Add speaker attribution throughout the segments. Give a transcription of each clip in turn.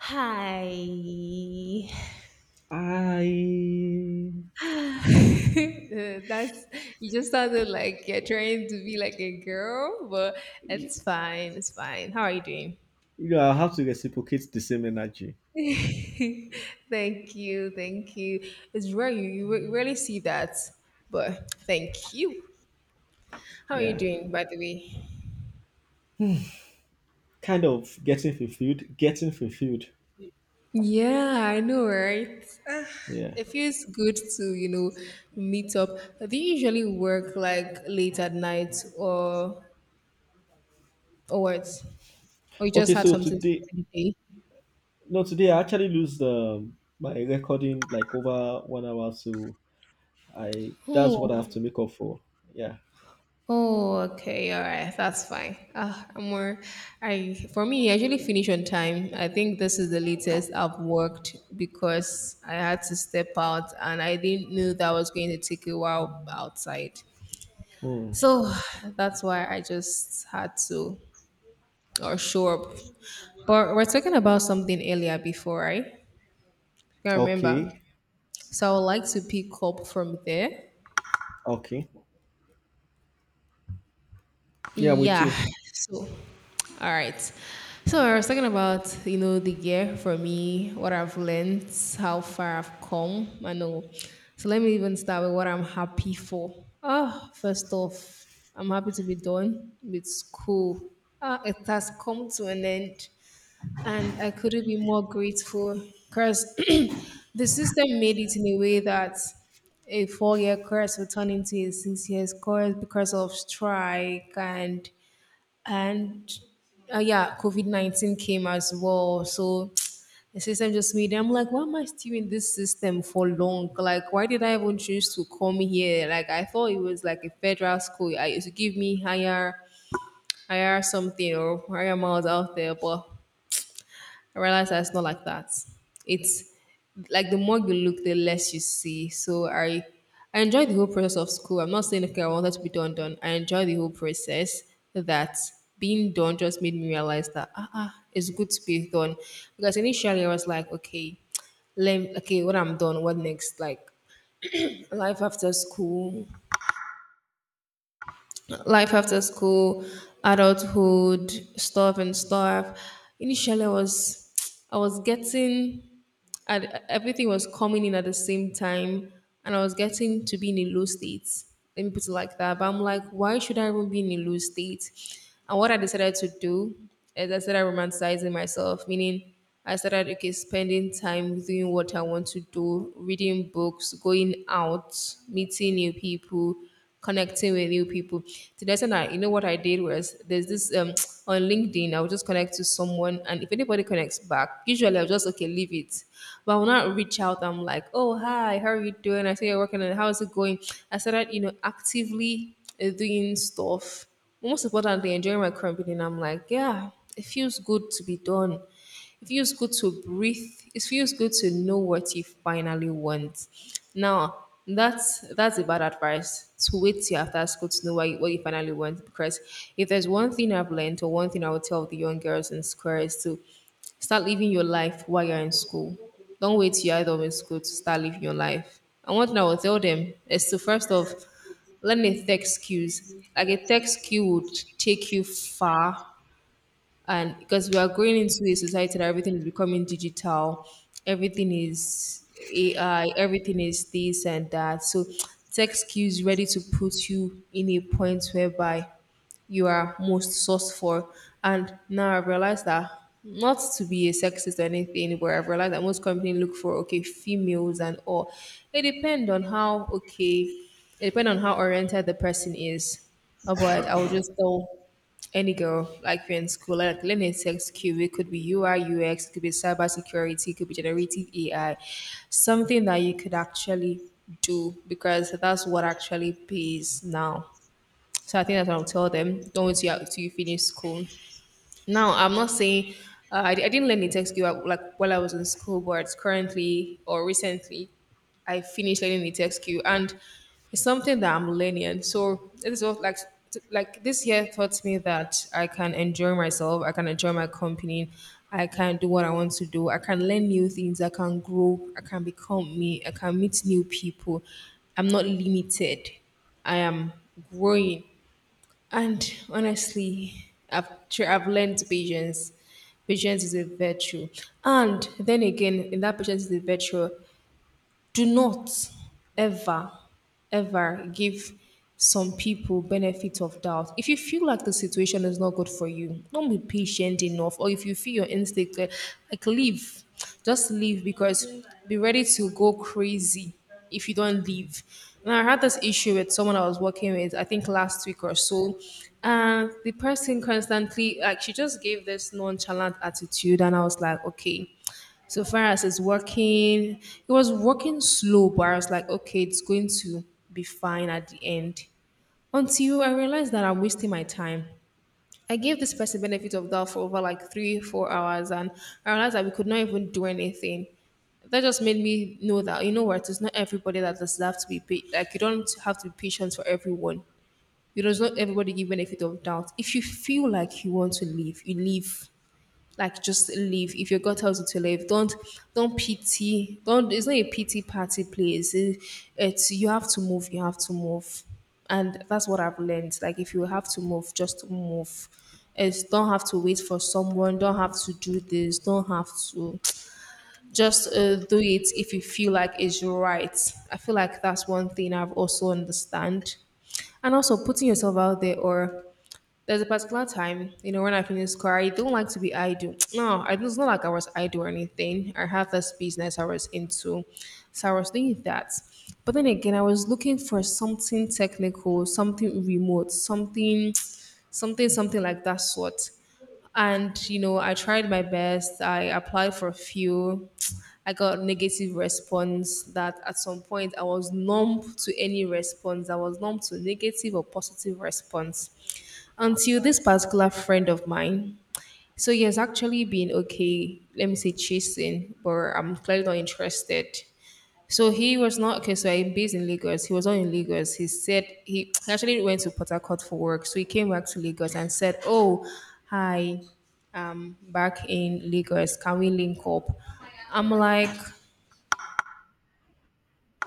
Speaker 1: Hi.
Speaker 2: I you
Speaker 1: That's you just sounded like you're trying to be like a girl, but it's fine. It's fine. How are you doing?
Speaker 2: know I have to reciprocate the same energy.
Speaker 1: Thank you, thank you. It's rare you rarely see that, but thank you. How are you
Speaker 2: Yeah.
Speaker 1: doing, by the way?
Speaker 2: Kind of getting fulfilled, getting fulfilled.
Speaker 1: Yeah, I know, right?
Speaker 2: Yeah.
Speaker 1: It feels good to meet up. Do you usually work like late at night or what? Or you just
Speaker 2: Okay,
Speaker 1: had
Speaker 2: so
Speaker 1: something to do
Speaker 2: today,
Speaker 1: in the day?
Speaker 2: no, today I actually lose my recording like over 1 hour, so I that's what I have
Speaker 1: Oh,
Speaker 2: to make up for. Yeah.
Speaker 1: oh, okay, all right, that's fine. I'm more. I For me, I usually finish on time. I think this is the latest I've worked because I had to step out and I didn't know that I was going to take a while outside.
Speaker 2: Hmm.
Speaker 1: So that's why I just had to or show up. But we're talking about something earlier before, right? I remember.
Speaker 2: Okay.
Speaker 1: So I would like to pick up from there.
Speaker 2: Okay. Yeah, I'm with
Speaker 1: Yeah.
Speaker 2: you.
Speaker 1: So, all right. So I was talking about the year for me, what I've learned, how far I've come. I know. So let me even start with what I'm happy for. First off, I'm happy to be done with school. It has come to an end, and I couldn't be more grateful because the system made it in a way that a 4-year course will turn into a 6 years course because of strike and yeah, COVID COVID-19 came as well. So the system just made it. I'm like, why am I still in this system for long? Like, why did I even choose to come here? Like, I thought it was like a federal school. I used to give me higher, higher something or higher miles out there, but I realized that it's not like that. It's like the more you look, the less you see. So I enjoyed the whole process of school. I'm not saying okay, I wanted to be done done. I enjoyed the whole process that being done just made me realize that it's good to be done. Because initially I was like, okay, let okay, when I'm done, what next? Like life after school, life after school, adulthood, stuff and stuff. Initially, I was I was getting and everything was coming in at the same time, and I was getting to be in a low state. Let me put it like that. But I'm like, why should I even be in a low state? And what I decided to do is I started romanticizing myself, meaning I started okay, spending time doing what I want to do, reading books, going out, meeting new people, connecting with new people. To the extent that you know what I did was there's this on LinkedIn, I would just connect to someone and if anybody connects back, usually I'll just okay, leave it. But I will not reach out. I'm like, oh hi, how are you doing? I see you're working on it. How's it going? I started, actively doing stuff, most importantly enjoying my company, and I'm like, yeah, it feels good to be done. It feels good to breathe. It feels good to know what you finally want. Now, that's a bad advice to wait till after school to know what you finally want. Because if there's one thing I've learned or one thing I would tell the young girls in square is to start living your life while you're in school. Don't wait till you're out of in school to start living your life. And one thing I would tell them is to first off learn a tech skills. Like a tech skill would take you far, and because we are going into a society that everything is becoming digital, everything is AI, everything is this and that, so tech skills ready to put you in a point whereby you are most sourced for. And now I've realized that, not to be a sexist or anything, but I've realized that most companies look for okay females and all. It depends on how okay, it depends on how oriented the person is. But I will just tell any girl, like, you're in school, like learning sex cube, it could be UI, UX, it could be cybersecurity, it could be generative AI, something that you could actually do because that's what actually pays now. So I think that's what I'll tell them. Don't wait till you finish school. Now, I'm not saying I didn't learn the tech skill like while I was in school, but currently or recently, I finished learning the tech skill, and it's something that I'm learning. So it is what like this year taught me that I can enjoy myself, I can enjoy my company, I can do what I want to do, I can learn new things, I can grow, I can become me, I can meet new people. I'm not limited. I am growing. And honestly, I've learned patience. Patience is a virtue. And then again, in that patience is a virtue, do not ever, ever give some people benefit of doubt. If you feel like the situation is not good for you, don't be patient enough. Or if you feel your instinct, like, leave, just leave, because be ready to go crazy if you don't leave. And I had this issue with someone I was working with, I think last week or so. And the person constantly, like, she just gave this nonchalant attitude. And I was like, okay, so far as it's working, it was working slow, but I was like, okay, it's going to be fine at the end. Until I realized that I'm wasting my time. I gave this person benefit of doubt for over like 3, 4 hours, and I realized that we could not even do anything. That just made me know that, you know what, it's not everybody that deserves to be paid. Like, you don't have to be patient for everyone. You does not everybody give benefit of doubt. If you feel like you want to leave, you leave. Like, just leave. If you got house to leave, don't pity. Don't. It's not a pity party place. It's you have to move. You have to move, and that's what I've learned. Like, if you have to move, just move. It's don't have to wait for someone. Don't have to do this. Don't have to just do it if you feel like it's right. I feel like that's one thing I've also understand, and also putting yourself out there. Or there's a particular time, when I finish school, I don't like to be idle. No, it's not like I was idle or anything. I have this business I was into, so I was doing that. But then again, I was looking for something technical, something remote, something, something like that sort. And you know, I tried my best. I applied for a few. I got negative response that at some point I was numb to any response. I was numb to negative or positive response until this particular friend of mine. So he has actually been, okay, let me say, chasing, but I'm clearly not interested. So he was not okay. So I'm based in Lagos. He was not in Lagos. He said he actually went to Port Harcourt for work. So he came back to Lagos and said, "Oh, hi, back in Lagos. Can we link up?" I'm like,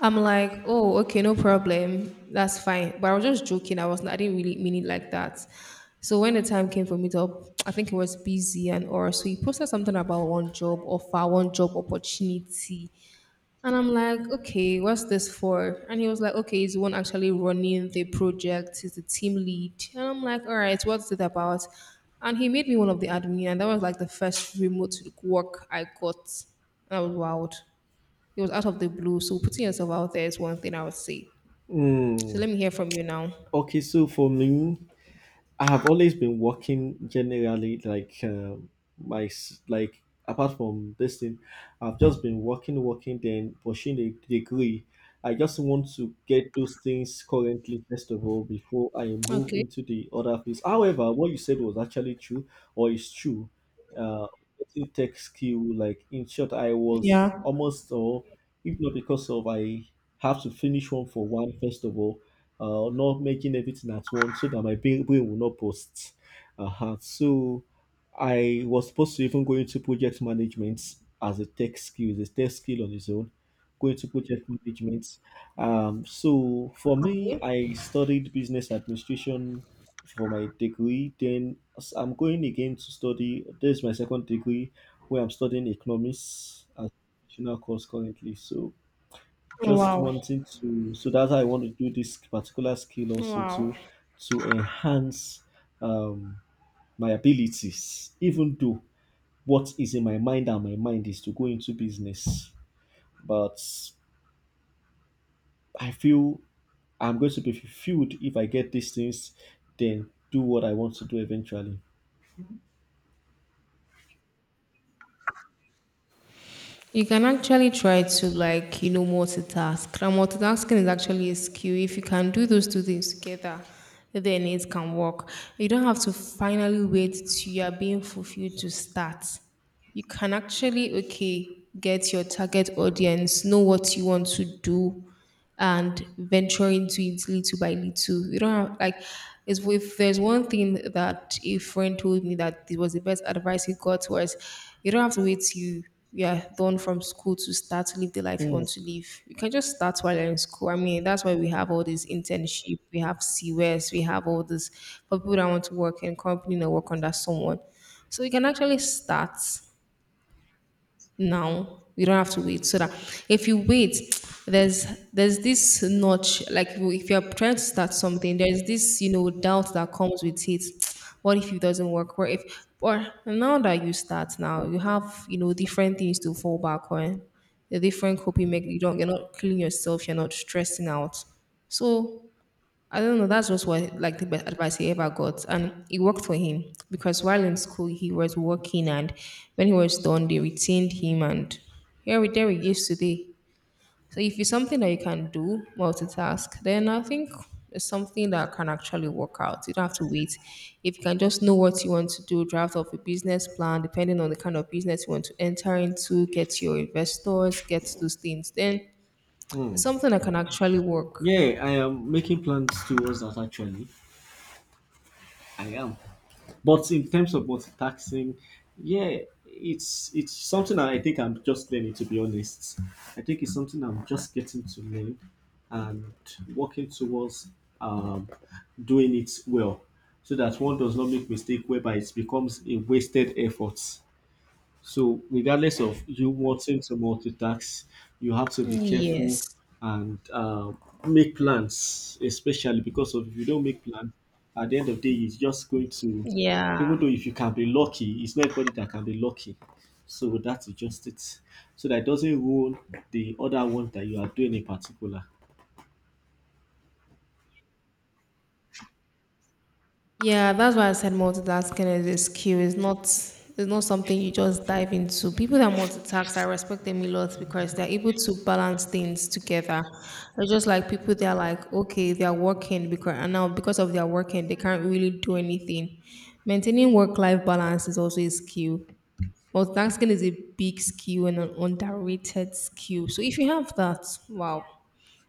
Speaker 1: I'm like, oh, okay, no problem. That's fine. But I was just joking. I didn't really mean it like that. So when the time came for me to, up, I think it was busy and or so, he posted something about one job offer, one job opportunity. And I'm like, okay, what's this for? And he was like, okay, he's the one actually running the project. He's the team lead. And I'm like, all right, what's it about? And he made me one of the admin, and that was like the first remote work I got. And I was wild. It was out of the blue. So putting yourself out there is one thing I would say. So
Speaker 2: Hmm.
Speaker 1: let me hear from you now.
Speaker 2: Okay, so for me, I have always been working generally, like, like, apart from this thing, I've just been working, working, then pushing the degree. I just want to get those things currently, first of all, before I move
Speaker 1: Okay.
Speaker 2: into the other phase. However, what you said was actually true, or is true. Uh, Getting tech skill, like, in short, I was
Speaker 1: Yeah.
Speaker 2: almost all, if not because of I have to finish one for one first of all, not making everything at once so that my brain will not burst. Uh-huh. So I was supposed to even go into project management. As a tech skill, it's a tech skill on its own, go into project management. So for me,
Speaker 1: Okay.
Speaker 2: I studied business administration for my degree. Then, I'm going again to study. This is my second degree, where I'm studying economics as a optional course currently. So, just
Speaker 1: Wow.
Speaker 2: wanting to, so that's how I want to do this particular skill also
Speaker 1: Wow.
Speaker 2: to enhance, um, my abilities. Even though what is in my mind and my mind is to go into business, but I feel I'm going to be fulfilled if I get these things, then do what I want to do eventually.
Speaker 1: You can actually try to, like, multitask. And multitasking is actually a skill. If you can do those two things together, then it can work. You don't have to finally wait till you are being fulfilled to start. You can actually, okay, get your target audience, know what you want to do, and venture into it little by little. You don't have like it's If there's one thing that a friend told me, that it was the best advice he got was, you don't have to wait till yeah, done from school to start to live the life you
Speaker 2: Hmm.
Speaker 1: want to live. You can just start while you're in school. I mean, that's why we have all this internship, we have CWS, we have all this for people that want to work in company and work under someone. So you can actually start now. You don't have to wait. So that if you wait, there's there's this notch. Like if you're trying to start something, there's this doubt that comes with it. What if it doesn't work? What if? Or now that you start now, you have different things to fall back on. The different coping mechanism. You don't. You're not killing yourself. You're not stressing out. So I don't know. That was what like the best advice he ever got, and it worked for him because while in school he was working, and when he was done, they retained him, and here we there he is today. So if it's something that you can do, multitask, then I think it's something that can actually work out. You don't have to wait. If you can just know what you want to do, draft up a business plan, depending on the kind of business you want to enter into, get your investors, get those things, then it's
Speaker 2: Hmm.
Speaker 1: something that can actually work.
Speaker 2: Yeah, I am making plans towards that, actually. I am. But in terms of multitasking, yeah, it's something that I think I'm just learning, to be honest. I think it's something I'm just getting to learn, and working towards, um, doing it well so that one does not make mistake, whereby it becomes a wasted effort. So, regardless of you wanting to multitask, you have to be careful
Speaker 1: Yes.
Speaker 2: and, make plans, especially because of if you don't make plans, at the end of the day, it's just going to, even
Speaker 1: Yeah.
Speaker 2: though if you can be lucky, it's not everybody that can be lucky. So, that's just it. So, that doesn't ruin the other one that you are doing in particular.
Speaker 1: Yeah, that's why I said multitasking is a skill. It's not something you just dive into. People that multitask, I respect them a lot because they're able to balance things together. They're just like people that are like, okay, they're working because and now because of their working, they can't really do anything. Maintaining work-life balance is also a skill. Multitasking is a big skill and an underrated skill. So if you have that, wow.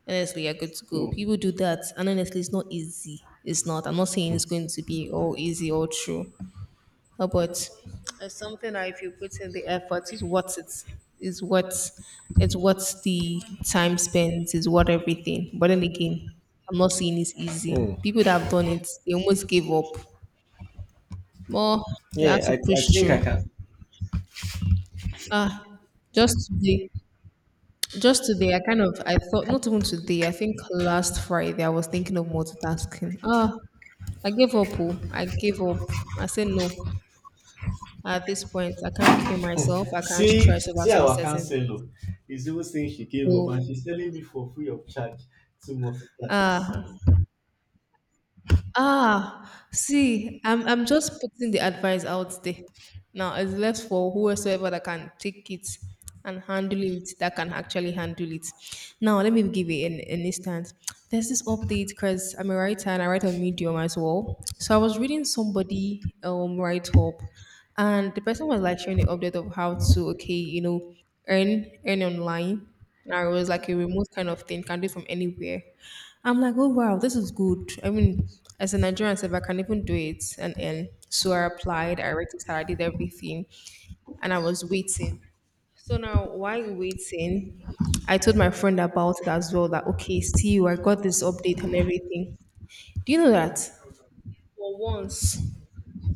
Speaker 1: Honestly, you're good to go.
Speaker 2: Mm.
Speaker 1: People do that, and honestly, it's not easy. It's not. I'm not saying it's going to be all easy or true. But it's something that if you put in the effort, is what it is what it's what the time spent is what everything. But then again, I'm not saying it's easy. People that have done it, they almost gave up. More, they have
Speaker 2: Yeah,
Speaker 1: to
Speaker 2: I
Speaker 1: push
Speaker 2: think I
Speaker 1: through.
Speaker 2: can.
Speaker 1: Ah, just today just today, I kind of I thought, not even today, I think last Friday I was thinking of multitasking. I gave up. Oh. I gave up. I said no. At this point, I can't kill myself. I can't
Speaker 2: See,
Speaker 1: stress over
Speaker 2: see
Speaker 1: some
Speaker 2: our
Speaker 1: certain things.
Speaker 2: counselor is even saying she gave up, and
Speaker 1: So,
Speaker 2: she's telling me for free of charge to multitask.
Speaker 1: uh, see, I'm just putting the advice out there. Now it's left for whoever that can take it and handle it, that can actually handle it. Now let me give you an instance. There's this update because I'm a writer and I write on Medium as well. So I was reading somebody write up, and the person was like sharing the update of how to, okay, earn online. And it was like a remote kind of thing, can do it from anywhere. I'm like, oh wow, this is good. I mean, as a Nigerian, if I can even do it, and so I applied, I registered, I did everything, and I was waiting. So now, while waiting, I told my friend about it as well. That okay, see you, I got this update and everything. Do you know that for once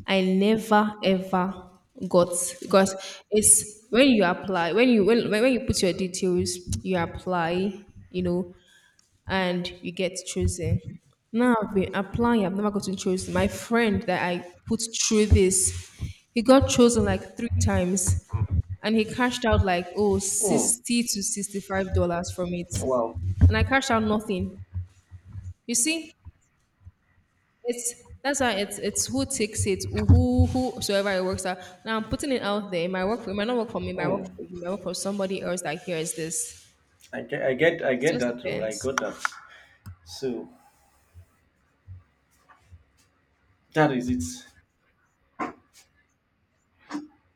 Speaker 1: I never ever got because it's when you put your details, you apply, and you get chosen. Now I've been applying, I've never gotten chosen. My friend that I put through this, he got chosen like three times and he cashed out like
Speaker 2: Hmm.
Speaker 1: 60 to $65 from it.
Speaker 2: Wow.
Speaker 1: And I cashed out nothing. You see, it's that's why it's who takes it, whosoever it works out. Now I'm putting it out there. It might not work for me, it might work
Speaker 2: Hmm.
Speaker 1: for you, it might work for somebody else that hears this.
Speaker 2: I get, I get, I
Speaker 1: It
Speaker 2: get
Speaker 1: just
Speaker 2: that. Oh, I
Speaker 1: depends.
Speaker 2: got that. So that is it.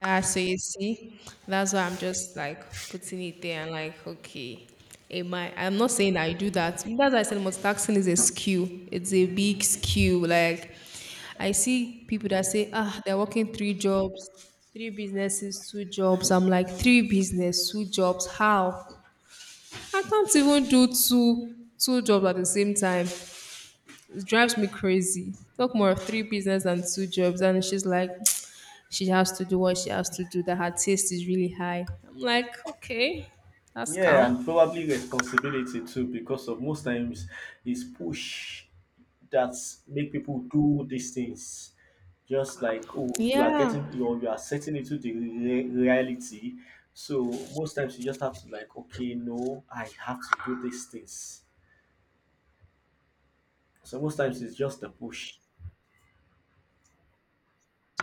Speaker 1: So you see, that's why I'm just like putting it there and like, okay, it might. I'm not saying I do that. That's why I said multitasking is a skill. It's a big skill. Like, I see people that say, they're working three jobs, three businesses, two jobs. I'm like, three business, two jobs. How? I can't even do two jobs at the same time. It drives me crazy. Talk more of three business and two jobs. And she's like, she has to do what she has to do, that her taste is really high. I'm like, okay, that's
Speaker 2: Yeah,
Speaker 1: calm.
Speaker 2: and probably responsibility too, because of most times is push that make people do these things. Just like, oh, you are
Speaker 1: Yeah.
Speaker 2: getting, you are setting into the reality. So most times you just have to like, okay, no, I have to do these things. So most times it's just a push.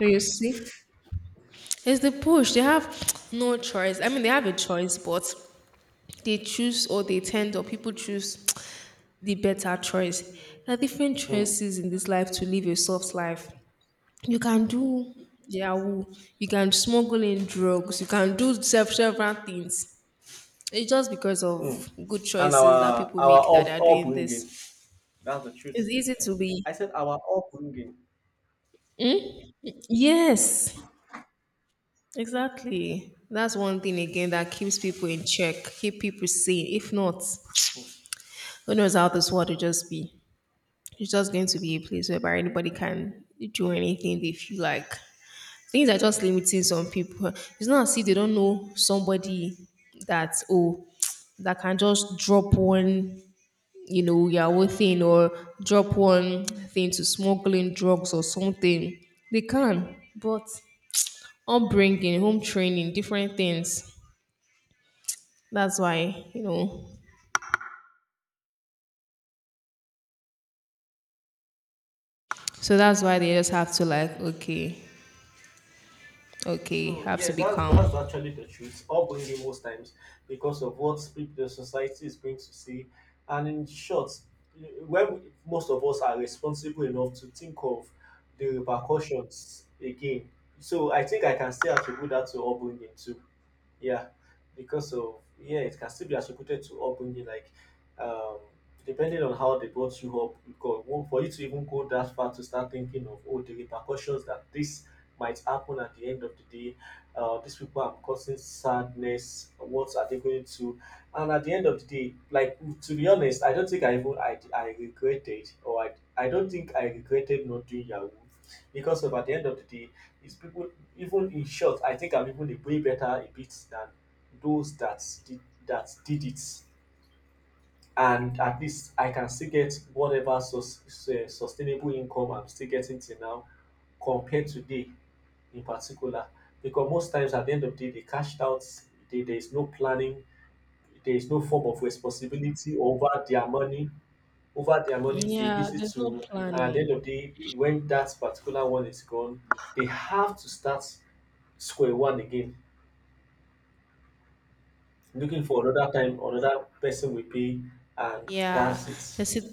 Speaker 1: So you see, it's the push. They have no choice. I mean, they have a choice, but they choose or they tend or people choose the better choice. There are different
Speaker 2: Hmm.
Speaker 1: choices in this life to live a soft life. You can do Yahoo, you can smuggle in drugs, you can do several things. It's just because
Speaker 2: Hmm.
Speaker 1: of good
Speaker 2: And
Speaker 1: choices that
Speaker 2: our
Speaker 1: people
Speaker 2: our
Speaker 1: make that
Speaker 2: up,
Speaker 1: are doing
Speaker 2: upbringing.
Speaker 1: this.
Speaker 2: That's the
Speaker 1: It's
Speaker 2: truth.
Speaker 1: easy to be.
Speaker 2: I said our upbringing.
Speaker 1: Yes, exactly. That's one thing again that keeps people in check, keep people sane. If not, who knows how this world will just be? It's just going to be a place where anybody can do anything they feel like. Things are just limiting some people. It's not as if they don't know somebody, that oh, that can just drop one, Yahoo thing, or drop one thing to smuggling drugs or something. They can, but upbringing, home training, different things. That's why you know. So that's why they just have to, like, okay, okay,
Speaker 2: So
Speaker 1: have to
Speaker 2: yeah,
Speaker 1: be
Speaker 2: that's
Speaker 1: calm.
Speaker 2: actually the truth. Upbringing most times, because of what people the society is going to see, and, in short, when we, most of us are responsible enough to think of the repercussions again. So I think I can still attribute that to upbringing too. Yeah, because of, yeah, it can still be attributed to upbringing, like, um depending on how they brought you up. Because, well, for you to even go that far to start thinking of, oh, the repercussions that this might happen at the end of the day, these people are causing sadness, what are they going to, and at the end of the day, like, to be honest, I don't think I even I regretted, or I don't think I regretted not doing yahoo. Because of at the end of the day, it's people. Even in short, I think I'm even a way better a bit than those that did it. And at least I can still get whatever sustainable income I'm still getting till now, compared to they in particular. Because most times at the end of the day, they cashed out, there is no planning, there is no form of responsibility over their money. They
Speaker 1: Yeah,
Speaker 2: use it
Speaker 1: there's no
Speaker 2: to, and at the
Speaker 1: planning.
Speaker 2: end of the day, when that particular one is gone, they have to start square one again, looking for another time, another person will pay, and
Speaker 1: Yeah,
Speaker 2: that's it.
Speaker 1: that's it.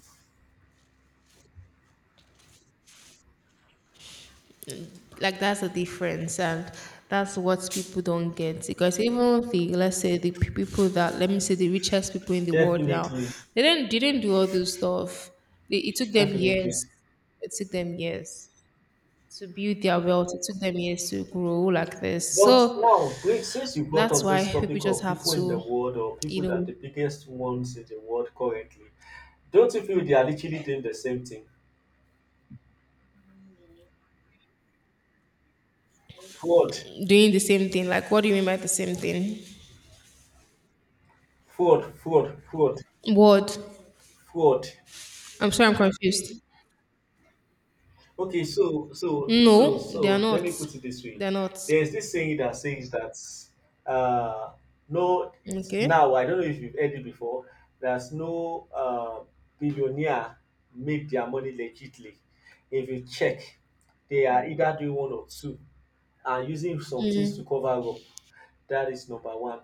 Speaker 1: Like, that's the difference, and that's what people don't get because even the let's say the people that, let me say, the richest people in the world now,
Speaker 2: Definitely,
Speaker 1: they didn't do all those stuff. they, it took them
Speaker 2: definitely.
Speaker 1: years it took them years to build their wealth, it took them years to grow like this.
Speaker 2: But
Speaker 1: So
Speaker 2: now, wait, since you brought
Speaker 1: that's
Speaker 2: up
Speaker 1: why
Speaker 2: this
Speaker 1: people
Speaker 2: topic
Speaker 1: just
Speaker 2: of
Speaker 1: have
Speaker 2: people in the
Speaker 1: to,
Speaker 2: world, or
Speaker 1: you
Speaker 2: people that are
Speaker 1: know
Speaker 2: the biggest ones in the world currently, don't you feel they are literally doing the same thing? Fraud,
Speaker 1: doing the same thing. Like, what do you mean by the same thing?
Speaker 2: fraud, fraud, fraud,
Speaker 1: What?
Speaker 2: fraud.
Speaker 1: I'm sorry, I'm confused.
Speaker 2: Okay, so so
Speaker 1: No,
Speaker 2: so
Speaker 1: they are
Speaker 2: so let
Speaker 1: not.
Speaker 2: me put it this way.
Speaker 1: They're not
Speaker 2: There's this saying that says that, uh no, it's,
Speaker 1: Okay.
Speaker 2: now I don't know if you've heard it before, there's no billionaire make their money legitly. If you check, they are either doing one or two and using some things
Speaker 1: Mm.
Speaker 2: to cover up. That is number one.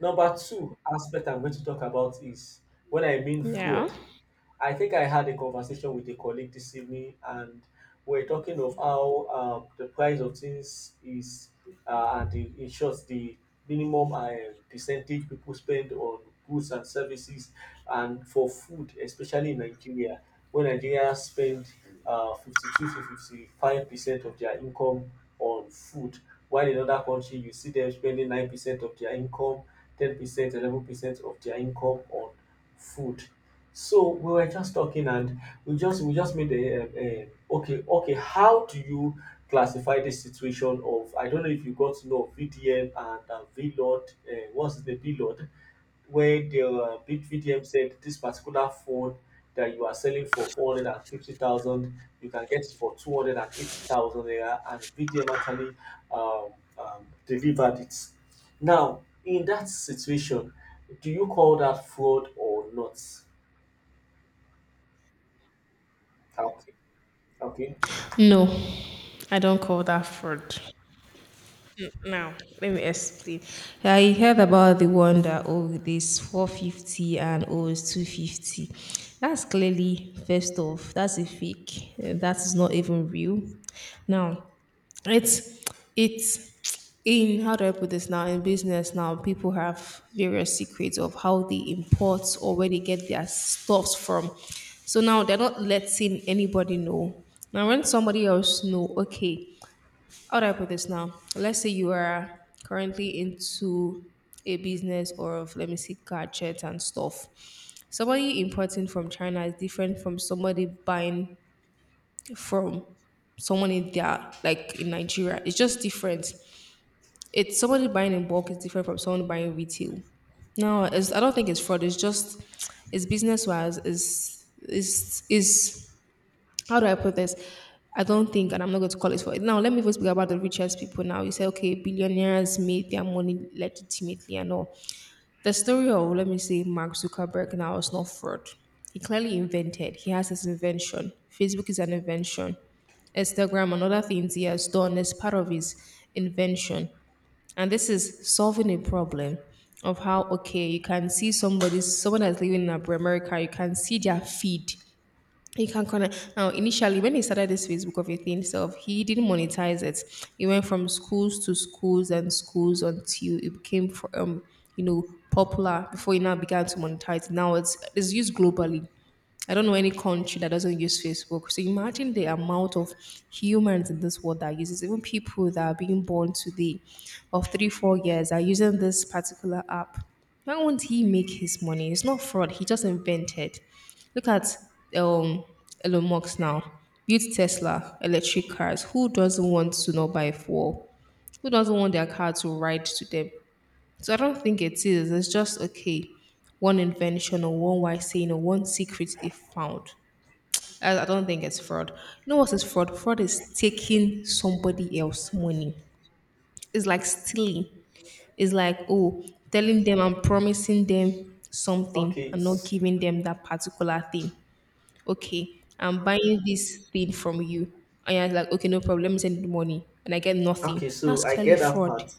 Speaker 2: Number two aspect I'm going to talk about is when I mean
Speaker 1: Yeah.
Speaker 2: fraud. I think I had a conversation with a colleague this evening, and we're talking of how, the price of things is, and the, in short, the minimum, percentage people spend on goods and services, and for food, especially in Nigeria, when Nigerians spend 52 to 55% of their income on food, while in other countries you see them spending 9% of their income, 10%, 11% of their income on food. So we were just talking, and we just made a okay okay. How do you classify this situation of, I don't know if you got to know of VDM and, VLOD? What's the VLOD? Where the, big VDM said this particular phone that you are selling for 450,000, you can get it for 280,000 naira, and VDM actually, um, delivered it. Now, in that situation, do you call that fraud or not? Okay. Okay.
Speaker 1: No, I don't call that fraud. Now, let me explain. I heard about the one that, oh, this 450 and, oh, 250. That's clearly, first off, that's a fake. That is not even real. Now, it's, it's, in how do I put this now? In business now, people have various secrets of how they import or where they get their stuffs from. So now they're not letting anybody know. Now when somebody else know, okay, how do I put this now? Let's say you are currently into a business or of, let me see, gadgets and stuff. Somebody importing from China is different from somebody buying from someone in their, like, in Nigeria. It's just different. It's somebody buying in bulk is different from someone buying retail. No, it's, I don't think it's fraud. It's just it's business wise. It's is how do I put this? I don't think, and I'm not going to call it for it. Now, let me first speak about the richest people. Now, you say, okay, billionaires made their money legitimately and all. The story of, let me say, Mark Zuckerberg now is not fraud. He clearly invented, he has his invention. Facebook is an invention. Instagram and other things he has done is part of his invention. And this is solving a problem of how, okay, you can see somebody, someone that's living in America, you can see their feed he can connect. Now, initially, when he started this Facebook of a thing self, he didn't monetize it. He went from schools to schools and schools until it became, for popular, before he now began to monetize. Now it's used globally. I don't know any country that doesn't use Facebook. So imagine the amount of humans in this world that uses, even people that are being born today of three, 4 years are using this particular app. Why won't he make his money? It's not fraud. He just invented. Look at um, Elon Musk now. Built Tesla, electric cars. Who doesn't want to not buy four? Who doesn't want their car to ride to them? So I don't think it is. It's just, okay, one invention or one wise saying or one secret they found. I don't think it's fraud. You know what is fraud? Fraud is taking somebody else's money. It's like stealing. It's like, oh, telling them I'm promising them something
Speaker 2: Okay.
Speaker 1: and not giving them that particular thing. Okay, I'm buying this thing from you. And you're like, okay, no problem, let me send you the money. And I get nothing.
Speaker 2: Okay.
Speaker 1: That's
Speaker 2: So I
Speaker 1: clearly
Speaker 2: get that
Speaker 1: fraud.
Speaker 2: part.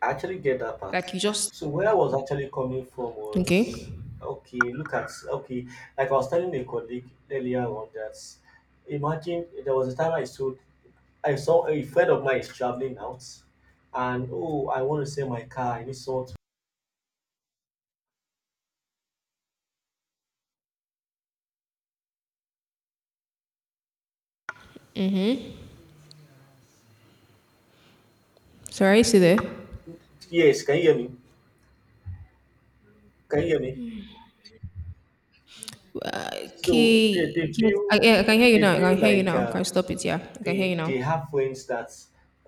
Speaker 2: I actually get that part.
Speaker 1: Like, you just
Speaker 2: So where I was actually coming from was,
Speaker 1: okay.
Speaker 2: okay, look at, okay. Like I was telling a colleague earlier on that, imagine there was a time I saw, a friend of mine is traveling out, and oh, I want to sell my car. I need someone to.
Speaker 1: Sorry, see there.
Speaker 2: Yes. Can you hear me? Can you hear me?
Speaker 1: Uh,
Speaker 2: So they
Speaker 1: Okay, yes,
Speaker 2: feel
Speaker 1: yeah, I can hear you
Speaker 2: they
Speaker 1: now. I can
Speaker 2: feel
Speaker 1: hear you
Speaker 2: like,
Speaker 1: now. Can I stop it? Yeah, I can hear you
Speaker 2: they
Speaker 1: now.
Speaker 2: they have friends that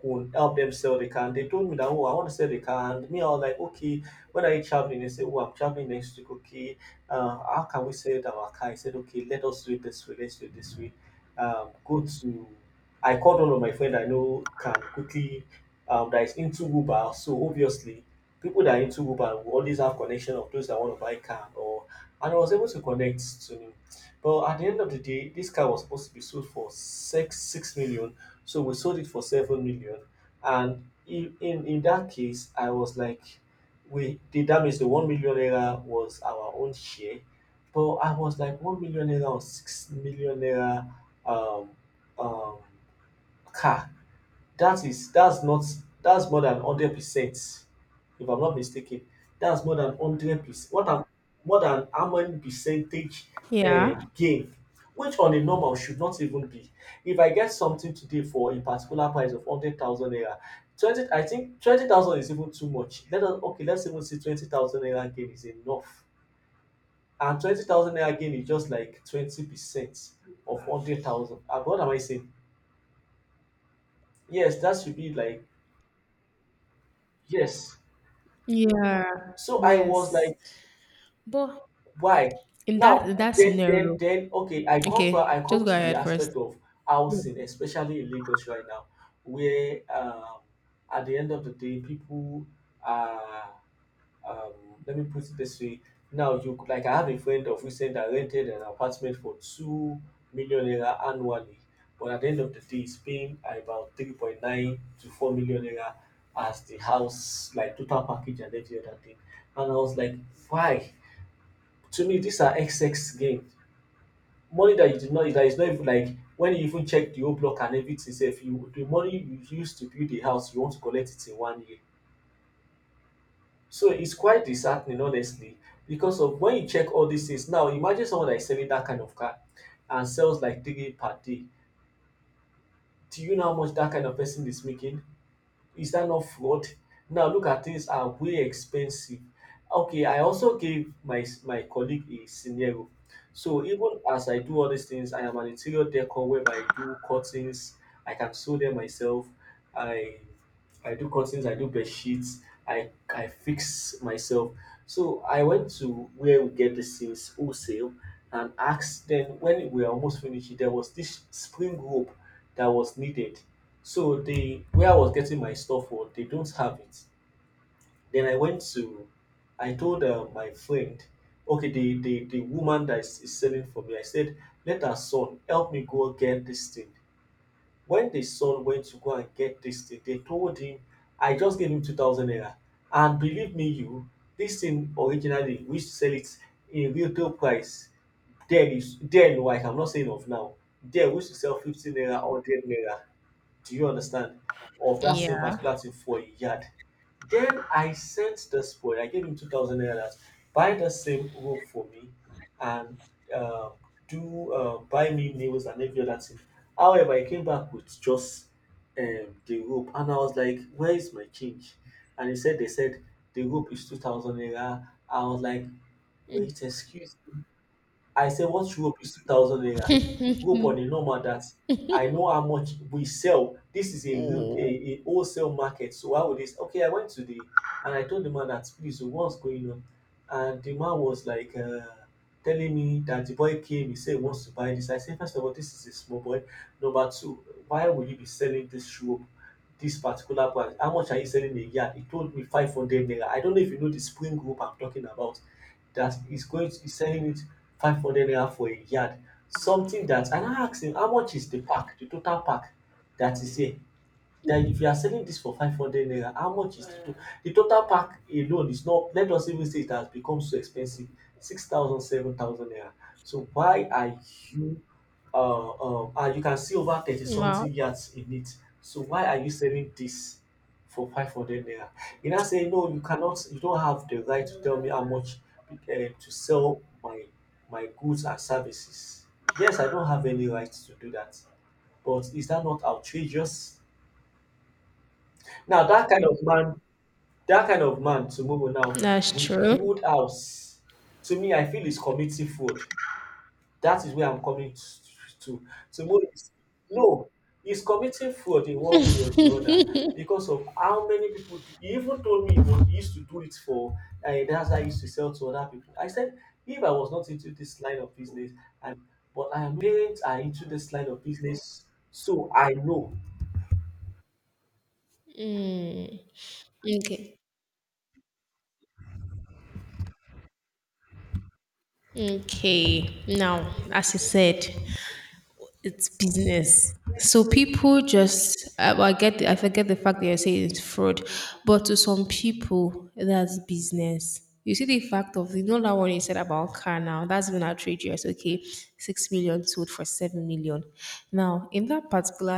Speaker 2: could help them sell the car. And they told me that, oh, I want to sell the car, and me, I was like, okay, when are you traveling? They said, oh, I'm traveling next week. Okay, how can we sell our car? I said, okay, let us do it this way. Let's do it this way. Go to I called one of my friend I know can quickly, that is into Uber. So obviously people that are into Uber will always have connection of those that want to buy car or, and I was able to connect to him. But at the end of the day, this car was supposed to be sold for six million, so we sold it for 7 million. And in that case, I was like, we the damage, the 1 million naira was our own share. But I was like, 1 million naira or 6 million naira, um um car that's not, that's more than 100%, if I'm not mistaken. That's more than 100%. What am more than how many percentage,
Speaker 1: Yeah.
Speaker 2: gain, which on a normal should not even be. If I get something today for a particular price of 100,000 naira, 20, I think 20,000 is even too much. Let us, okay, let's even see 20,000 naira gain is enough. And 20,000 naira gain is just like 20% of 100,000. What am I saying? Yes, that should be like, yes.
Speaker 1: Yeah.
Speaker 2: So I was
Speaker 1: Yes.
Speaker 2: like,
Speaker 1: But
Speaker 2: why? Now,
Speaker 1: in that
Speaker 2: then, then,
Speaker 1: scenario,
Speaker 2: then, okay, I come back, I
Speaker 1: okay, just
Speaker 2: come
Speaker 1: go
Speaker 2: to the
Speaker 1: ahead first.
Speaker 2: aspect of housing, especially in Lagos right now, where, at the end of the day, people are, um, let me put it this way. Now, you like, I have a friend of recent that rented an apartment for 2 million naira annually, but at the end of the day, he's paying about 3.9 to 4 million naira as the house, like total package and every other thing. And I was like, why? To me these are XX gain, money that you did not, that is not, even like when you even check the whole block and everything sef, you the money you use to build the house you want to collect it in 1 year. So its quite disheartening honestly because of when you check all these things, now imagine someone dat is selling that kind of car and sells like three per day. Do you know how much that kind of person is making? Is that not fraud? Now look, at things are way expensive. Okay, I also gave my colleague a scenario. So even as I do all these things, I am an interior decor whereby I do cuttings. I can sew them myself. I I do curtains, I do bed sheets, I fix myself. So I went to where we get these things wholesale and asked them, when we were almost finished, there was this spring rope that was needed. So they, where I was getting my stuff for, they don't have it. Then I went to, I told my friend, okay, the woman that is selling for me, I said, let her son help me go get this thing. When the son went to go and get this thing, they told him, I just gave him 2,000 naira. And believe me, you, this thing originally, we used to sell it in retail price. Then, oh, I am not saying of now, then we used to sell 15 naira, 100 naira. Do you understand? Of that same
Speaker 1: Yeah.
Speaker 2: particular thing for a yard. Then I sent this boy, I gave him 2,000 naira, buy the same rope for me and uh, do buy me nails and every other thing. However, he came back with just the rope and I was like, "Where is my change?" And he said, "They said the rope is 2,000 naira." I was like, "Wait, excuse me. I say what rope is 2,000 naira? Rope on a normal that I know how much we sell. This is a rope, a,
Speaker 1: Mm.
Speaker 2: a wholesale market. So how would this?" Okay, I went to the, and I told the man that, "Please, so what's going on?" And the man was like, telling me that the boy came. He said he wants to buy this. I said, "First of all, this is a small boy. Number two, why will you be selling this rope? This particular part, how much are you selling a yard?" He told me 500 naira. I don't know if you know the spring rope I'm talking about, that is going to be selling it 500 naira for a yard, something that. And I now ask him, how much is the pack, the total pack that is here, that if you are selling this for 500 naira, how much is The total pack alone is, not let us even say it has become so expensive, six thousand seven thousand naira. So why are you and you can see over 30
Speaker 1: Wow,
Speaker 2: something yards in it. So why are you selling this for 500 naira? You now say, "No, you cannot, you don't have the right to tell me how much to sell my, my goods and services." Yes, I don't have any right to do that, but is that not outrageous? Now, that kind of man, that kind of man, to move on now,
Speaker 1: that's
Speaker 2: will
Speaker 1: true.
Speaker 2: build house. To me, I feel is committing fraud. That is where I'm coming to. To know is, no, he's committing fraud in one way or the other, because of how many people. Do, he even told me that he used to do it for, and that's how he used to sell to other people. I said, if I was not into this line of business, and but I am parents are into this line of business, so I know.
Speaker 1: Okay. Okay. Now, as you said, it's business. So people just I forget the fact that you're saying it's fraud, but to some people that's business. You see the fact of that one you said about car now, that's been outrageous. Okay, 6 million sold for 7 million. Now in that particular